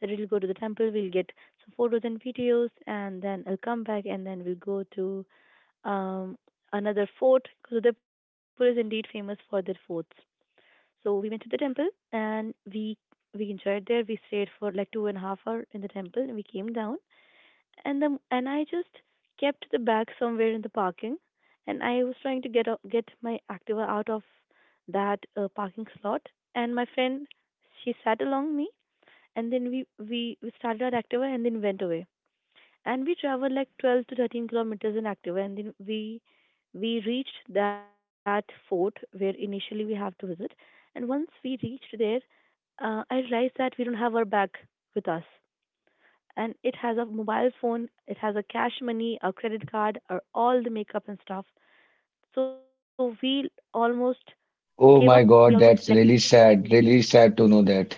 [SPEAKER 3] that we'll go to the temple, we'll get some photos and videos, and then I'll come back and then we'll go to um another fort, because Udaipur is indeed famous for their forts. So we went to the temple and we enjoyed there. We stayed for like 2.5 hour in the temple and we came down, and I just kept the bag somewhere in the parking, and I was trying to get out, get my Activa out of that parking slot, and my friend, she sat along me, and then we started our Activa and then went away, and we traveled like 12 to 13 kilometers in Activa, and then we reached that fort where initially we have to visit, and once we reached there, I realized that we don't have our bag with us, and it has a mobile phone, it has a cash money, a credit card, or all the makeup and stuff. So we almost gave up.
[SPEAKER 1] Oh
[SPEAKER 3] We
[SPEAKER 1] my
[SPEAKER 3] almost,
[SPEAKER 1] god,
[SPEAKER 3] like,
[SPEAKER 1] that's really sad, really sad to know that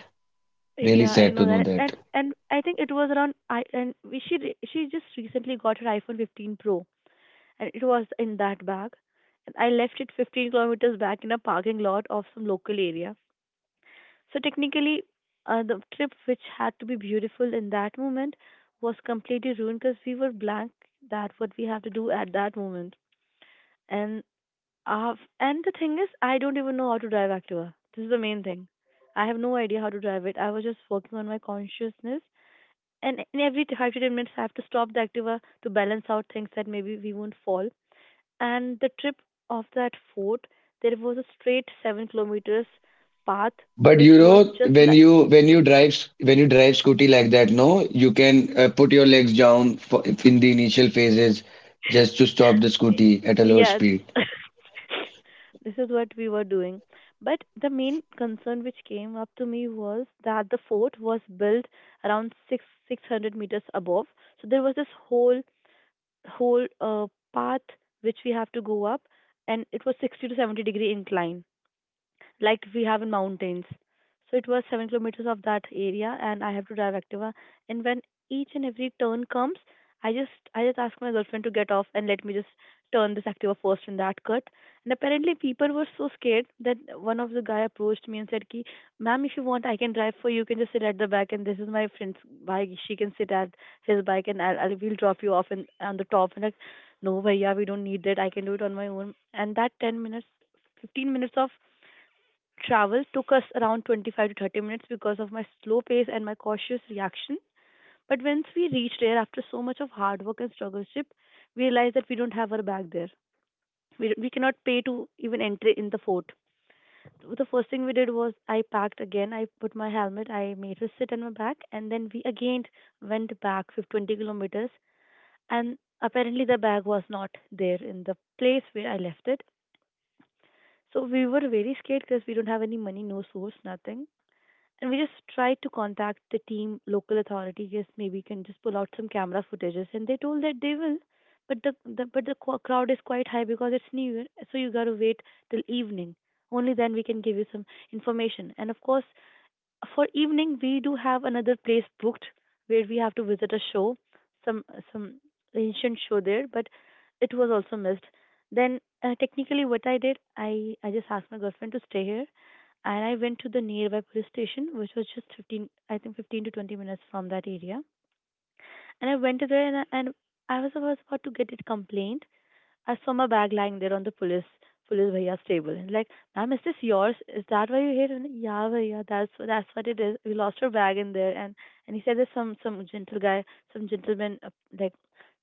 [SPEAKER 1] really
[SPEAKER 3] yeah, I
[SPEAKER 1] sad to
[SPEAKER 3] know
[SPEAKER 1] know
[SPEAKER 3] that, and
[SPEAKER 1] that.
[SPEAKER 3] and I think it was around, I and we, she re- she just recently got her iPhone 15 Pro, and it was in that bag, and I left it 15 kilometers back in a parking lot of some local area. So technically, the trip, which had to be beautiful in that moment, was completely ruined because we were blank that what we have to do at that moment. And and the thing is, I don't even know how to drive Activa. This is the main thing. I have no idea how to drive it. I was just working on my consciousness, and in every 5 to 10 minutes, I have to stop the Activa to balance out things, that maybe we won't fall. And the trip of that fort, there was a straight 7 kilometers path,
[SPEAKER 1] But
[SPEAKER 3] which was just,
[SPEAKER 1] when you drive scooty like that, no, you can put your legs down in the initial phases, just to stop the
[SPEAKER 3] Y-
[SPEAKER 1] scooty at a lower
[SPEAKER 3] yeah,
[SPEAKER 1] speed.
[SPEAKER 3] this is what we were doing. But the main concern which came up to me was that the fort was built around six hundred meters above. So there was this whole path which we have to go up, and it was 60 to 70 degree incline, like we have in mountains. So it was 7 kilometers of that area, and I have to drive Activa. And when each and every turn comes, I just ask my girlfriend to get off and let me just turn this Activa first in that cut. And apparently people were so scared that one of the guy approached me and said, "Ki, ma'am, if you want, I can drive for you. You can just sit at the back, and this is my friend's bike. She can sit at his bike, and I'll we'll drop you off in on the top." And like, no, bhaiya, we don't need that. I can do it on my own. And that 10 minutes, 15 minutes of travel took us around 25 to 30 minutes because of my slow pace and my cautious reaction. But once we reached there, after so much of hard work and struggleship, we realized that we don't have our bag there. We cannot pay to even enter in the fort. The first thing we did was, I packed again. I put my helmet. I made her sit on my back, and then we again went back 50 20 kilometers. And apparently the bag was not there in the place where I left it. So we were very scared because we don't have any money, no source, nothing. And we just tried to contact the team, local authority, yes, maybe you can just pull out some camera footages. And they told that they will, but the crowd is quite high because it's New Year, so you gotta wait till evening. Only then we can give you some information. And of course, for evening we do have another place booked, where we have to visit a show, some some ancient show there, but it was also missed. Then technically, what I did, I just asked my girlfriend to stay here and I went to the nearby police station, which was just 15, I think 15 to 20 minutes from that area, and I went there, and I was about to get it complaint, I saw my bag lying there on the police bhaiya's table. And, like, ma'am, is this yours? Is that why you're here? And yeah, bhaiya, that's what it is. We lost our bag in there, and he said, there's some gentleman, like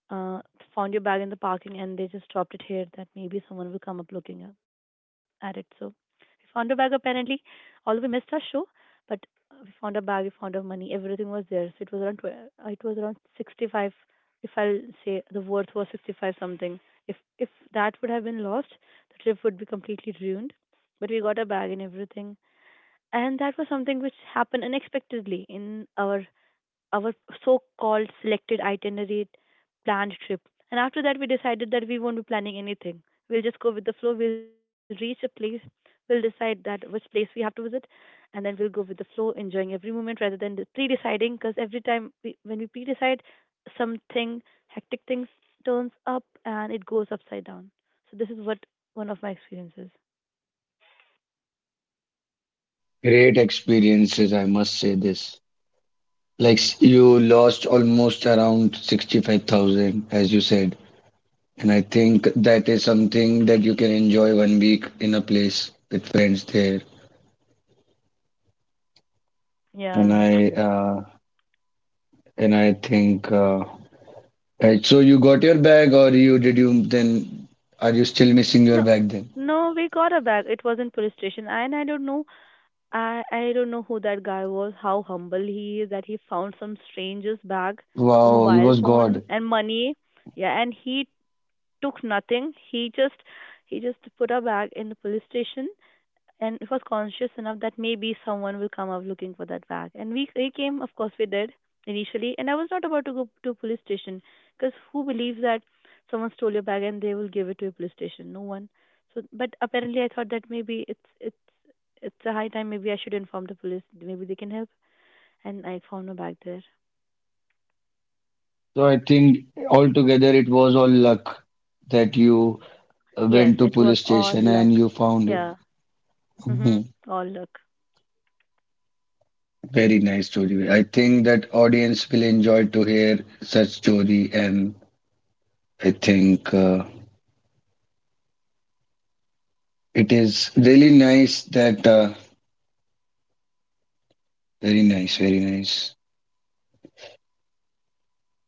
[SPEAKER 3] uh, found your bag in the parking, and they just dropped it here. That maybe someone will come up looking up at it. So we found our bag, apparently, although we missed our show, but we found our bag, we found our money, everything was there. So it was around, 65. If I'll say the worth was 65 something, if that would have been lost, the trip would be completely ruined. But we got a bag and everything, and that was something which happened unexpectedly in our our so-called selected itinerary planned trip. And after that, we decided that we won't be planning anything. We'll just go with the flow. We'll reach a place. We'll decide that which place we have to visit, and then we'll go with the flow, enjoying every moment rather than the pre-deciding. Because every time when we pre-decide, something hectic things turns up and it goes upside down. So this is what one of my experiences.
[SPEAKER 1] Great experiences, I must say this. Like, you lost almost around 65,000, as you said. And I think that is something that you can enjoy one week in a place with friends there. And
[SPEAKER 3] Yeah.
[SPEAKER 1] I think, right, so you got your bag? Or you then, are you still missing your
[SPEAKER 3] No,
[SPEAKER 1] bag then?
[SPEAKER 3] no, we got a bag. It was in police station, and I don't know who that guy was, how humble he is that he found some stranger's bag, a
[SPEAKER 1] Wow, he
[SPEAKER 3] mobile
[SPEAKER 1] was
[SPEAKER 3] phone
[SPEAKER 1] God.
[SPEAKER 3] and money. Yeah, and he took nothing. He just put a bag in the police station, and it was conscious enough that maybe someone will come up looking for that bag. And we came, of course, we did initially. And I was not about to go to a police station, because who believes that someone stole your bag and they will give it to a police station? No one. So, but apparently, I thought that maybe it's a high time. Maybe I should inform the police. Maybe they can help. And I found my bag there.
[SPEAKER 1] So I think altogether it was all luck that you
[SPEAKER 3] Yes,
[SPEAKER 1] went to
[SPEAKER 3] it was
[SPEAKER 1] police
[SPEAKER 3] all
[SPEAKER 1] station and
[SPEAKER 3] luck.
[SPEAKER 1] you found
[SPEAKER 3] Yeah. Mhm.
[SPEAKER 1] it.
[SPEAKER 3] All luck.
[SPEAKER 1] Very nice story. I think that audience will enjoy to hear such story. And I think, it is really nice that very nice, very nice.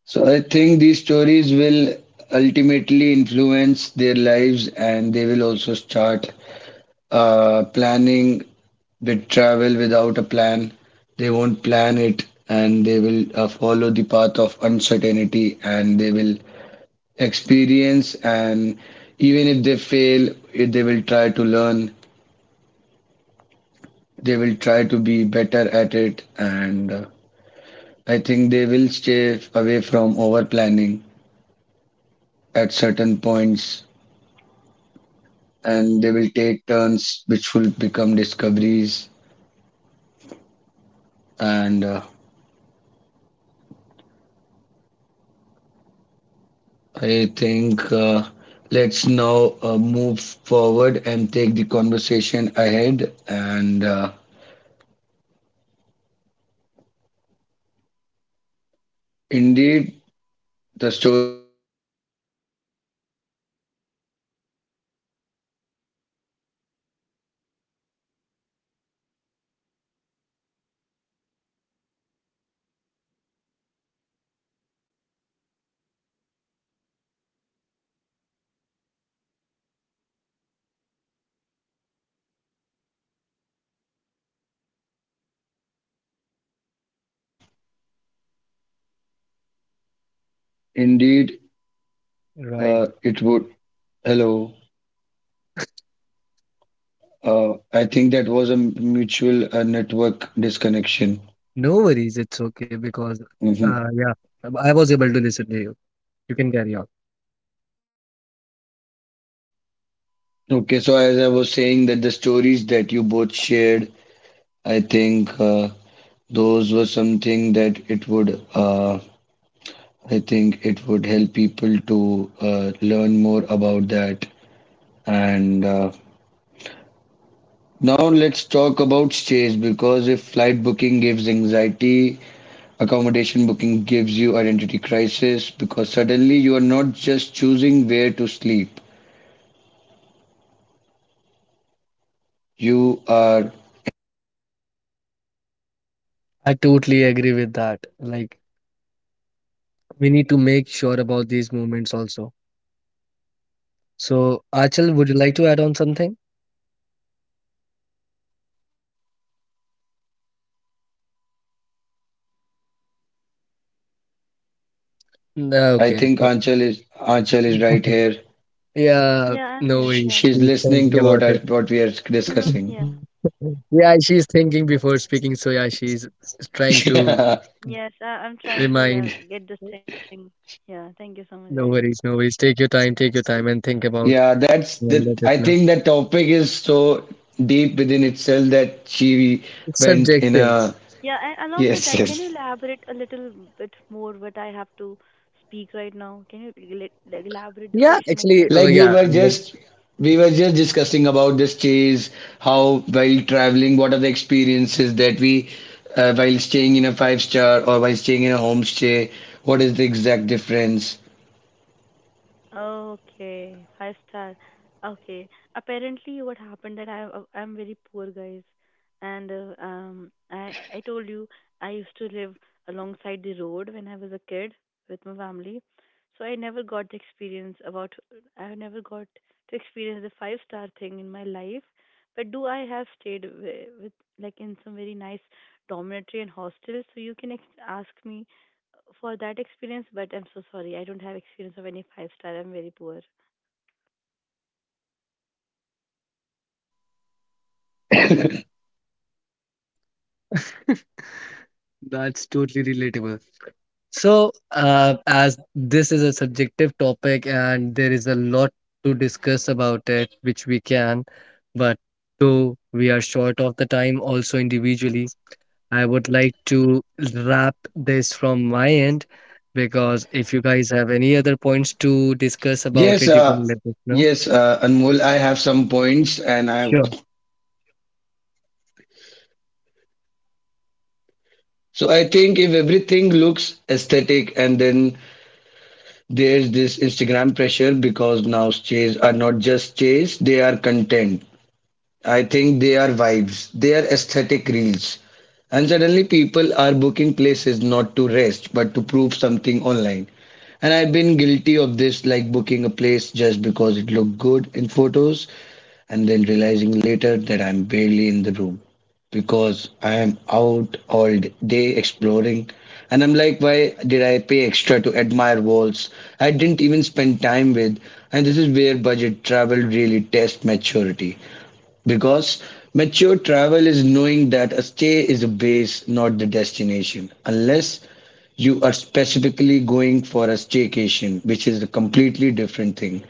[SPEAKER 1] So I think these stories will ultimately influence their lives, and they will also start planning with travel without a plan. They won't plan it, and they will follow the path of uncertainty, and they will experience, and even if they fail, they will try to learn, they will try to be better at it. And I think they will stay away from over planning at certain points, and they will take turns which will become discoveries. And I think, let's now move forward and take the conversation ahead. And indeed the stories that Anmol shared, and that answer you shared, and it would, uh, indeed, it would.
[SPEAKER 4] Right.
[SPEAKER 1] Hello, I think that was a mutual network disconnection.
[SPEAKER 4] No worries. It's okay
[SPEAKER 1] Hmm.
[SPEAKER 4] because, yeah, I was able to listen to you. You can carry on.
[SPEAKER 1] Okay, so as I was saying that the stories that you both shared, I think, those were something that it would. I think it would help people to learn more about that. And now let's talk about stays, because if flight booking gives anxiety, accommodation booking gives you identity crisis, because suddenly you are not just choosing where to sleep. You are,
[SPEAKER 4] I totally agree with that. Like, we need to make sure about these moments also. So Achal, would you like to add on something?
[SPEAKER 1] I think
[SPEAKER 4] No,
[SPEAKER 1] Anchal is
[SPEAKER 4] okay. So,
[SPEAKER 1] Right here.
[SPEAKER 3] Yeah, I'm here.
[SPEAKER 4] yeah,
[SPEAKER 3] Yeah.
[SPEAKER 1] She's
[SPEAKER 4] no
[SPEAKER 1] listening
[SPEAKER 4] worries.
[SPEAKER 1] to
[SPEAKER 4] She's thinking
[SPEAKER 1] what we are
[SPEAKER 4] about it.
[SPEAKER 3] Hmm.
[SPEAKER 1] discussing.
[SPEAKER 3] Yeah.
[SPEAKER 4] Yeah, she's thinking before speaking. So, yeah, she's trying to
[SPEAKER 1] Yeah,
[SPEAKER 3] Yes, I'm trying to, yeah,
[SPEAKER 4] remind.
[SPEAKER 3] get this thing. Yeah. Thank you so much, guys.
[SPEAKER 4] No worries. No worries. Take your time. Take your time and think
[SPEAKER 1] yeah,
[SPEAKER 4] about
[SPEAKER 1] that's that.
[SPEAKER 4] and
[SPEAKER 1] I
[SPEAKER 4] let us
[SPEAKER 1] think
[SPEAKER 4] know.
[SPEAKER 1] that topic is so deep within itself that she
[SPEAKER 4] It's
[SPEAKER 1] went in
[SPEAKER 4] subjective.
[SPEAKER 1] a
[SPEAKER 3] Yeah, and along with
[SPEAKER 1] yes,
[SPEAKER 3] that, can you
[SPEAKER 1] yes.
[SPEAKER 3] elaborate a little bit more what I have to speak right now? Can you elaborate the
[SPEAKER 4] Yeah,
[SPEAKER 3] question
[SPEAKER 4] actually,
[SPEAKER 3] again?
[SPEAKER 1] Like,
[SPEAKER 4] yeah, I love.
[SPEAKER 1] we were just discussing about this chase, how while traveling, what are the experiences that we, while staying in a five star or while staying in a homestay, what is the exact difference.
[SPEAKER 3] Okay, five star. Okay. Apparently, what happened that I'm very poor, guys, and I told you, I used to live alongside the road when I was a kid with my family, so I never got to experience the five-star thing in my life. But do I have stayed with like in some very nice dormitory and hostels? So you can ask me for that experience, but I'm so sorry. I don't have experience of any five star. I'm very poor.
[SPEAKER 4] That's totally relatable. So, as this is a subjective topic and there is a lot to discuss about it, which we can, but though we are short of the time also individually, I would like to wrap this from my end because if you guys have any other points to discuss about
[SPEAKER 1] Yes,
[SPEAKER 4] it, you can let us know.
[SPEAKER 1] yes, Anmol, I have some points, and I,
[SPEAKER 4] Sure.
[SPEAKER 1] so I think if everything looks aesthetic and then there's this Instagram pressure, because now stays are not just stays, they are content. I think they are vibes, they are aesthetic reels. And suddenly people are booking places not to rest but to prove something online. And I've been guilty of this, like booking a place just because it looked good in photos and then realizing later that I'm barely in the room because I am out all day exploring. And I'm like, why did I pay extra to admire walls I didn't even spend time with? And this is where budget travel really tests maturity. Because mature travel is knowing that a stay is a base, not the destination. Unless you are specifically going for a staycation, which is a completely different thing.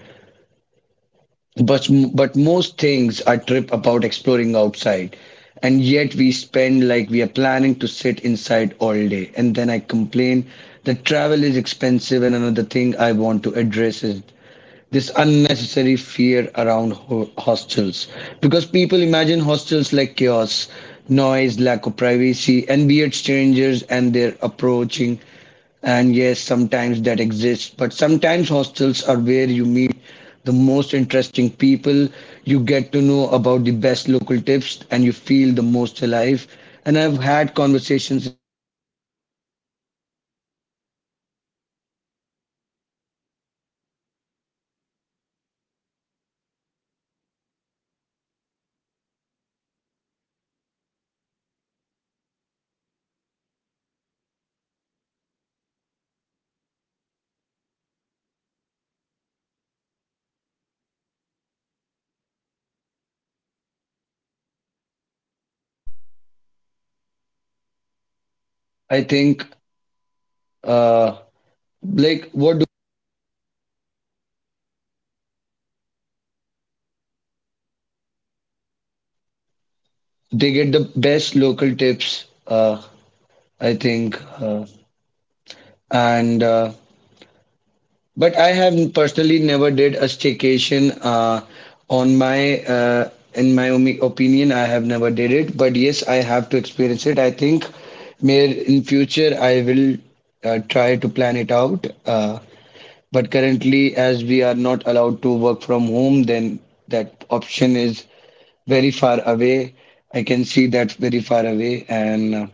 [SPEAKER 1] But but most things are trip about exploring outside, and yet we spend like we are planning to sit inside all day, and then I complain that travel is expensive. And another thing I want to address is this unnecessary fear around hostels because people imagine hostels like chaos, noise, lack of privacy, and weird strangers and their approaching. And yes, sometimes that exists, but sometimes hostels are where you meet the most interesting people, you get to know about the best local tips, and you feel the most alive. And I've had conversations in hostels that taught me more about travel than any blog ever did. And yet people avoid them because of ego, because we don't know that people won't say and what they, what do we, what do they say? I think uh, like what do they get the best local tips I think and but I have personally never did a staycation on my, in my opinion I have never did it, but yes, I have to experience it. I think may in future I will try to plan it out. But currently, as we are not allowed to work from home, then that option is very far away. I can see that very far away. And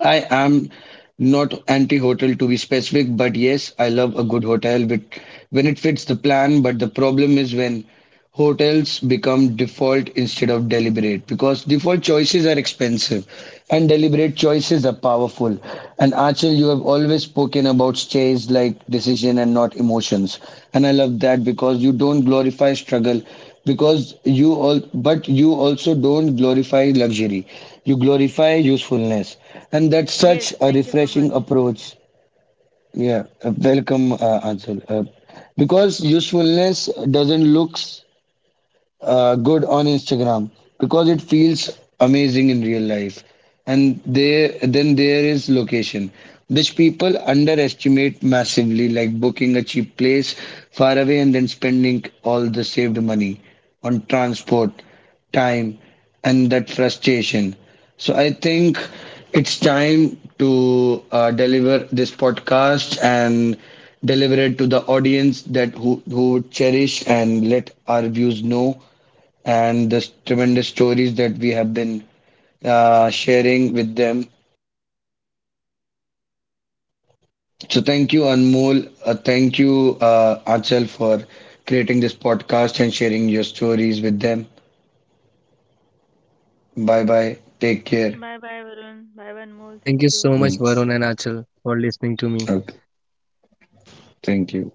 [SPEAKER 1] I am not anti-hotel to be specific, but yes, I love a good hotel with, when it fits the plan. But the problem is when hotels become default instead of deliberate, because default choices are expensive and deliberate choices are powerful. And Achal, you have always spoken about stays like decision and not emotions. And I love that because you don't glorify struggle because you all but you also don't glorify luxury, you glorify usefulness, and that's
[SPEAKER 3] Yes,
[SPEAKER 1] such a
[SPEAKER 3] thank you so much.
[SPEAKER 1] refreshing approach. Yeah, welcome, Ansel. Because usefulness doesn't looks good on Instagram, because it feels amazing in real life. And then there is location, which people underestimate massively, like booking a cheap place far away and then spending all the saved money on transport, time, and that frustration. So I think it's time to deliver this podcast and deliver it to the audience that who would cherish and let our views know and the tremendous stories that we have been sharing with them. So thank you, Anmol. Thank you, Achal, for creating this podcast and sharing your stories with them. Bye bye. Take care.
[SPEAKER 3] Bye bye,
[SPEAKER 4] Thank
[SPEAKER 3] Varun.
[SPEAKER 4] you
[SPEAKER 3] Bye, bye,
[SPEAKER 4] so much.
[SPEAKER 3] Anmol.
[SPEAKER 4] Thank you
[SPEAKER 3] Thank you.
[SPEAKER 4] so much, Varun
[SPEAKER 1] Mm.
[SPEAKER 4] and Achal, for listening to me.
[SPEAKER 1] Okay. Thank you.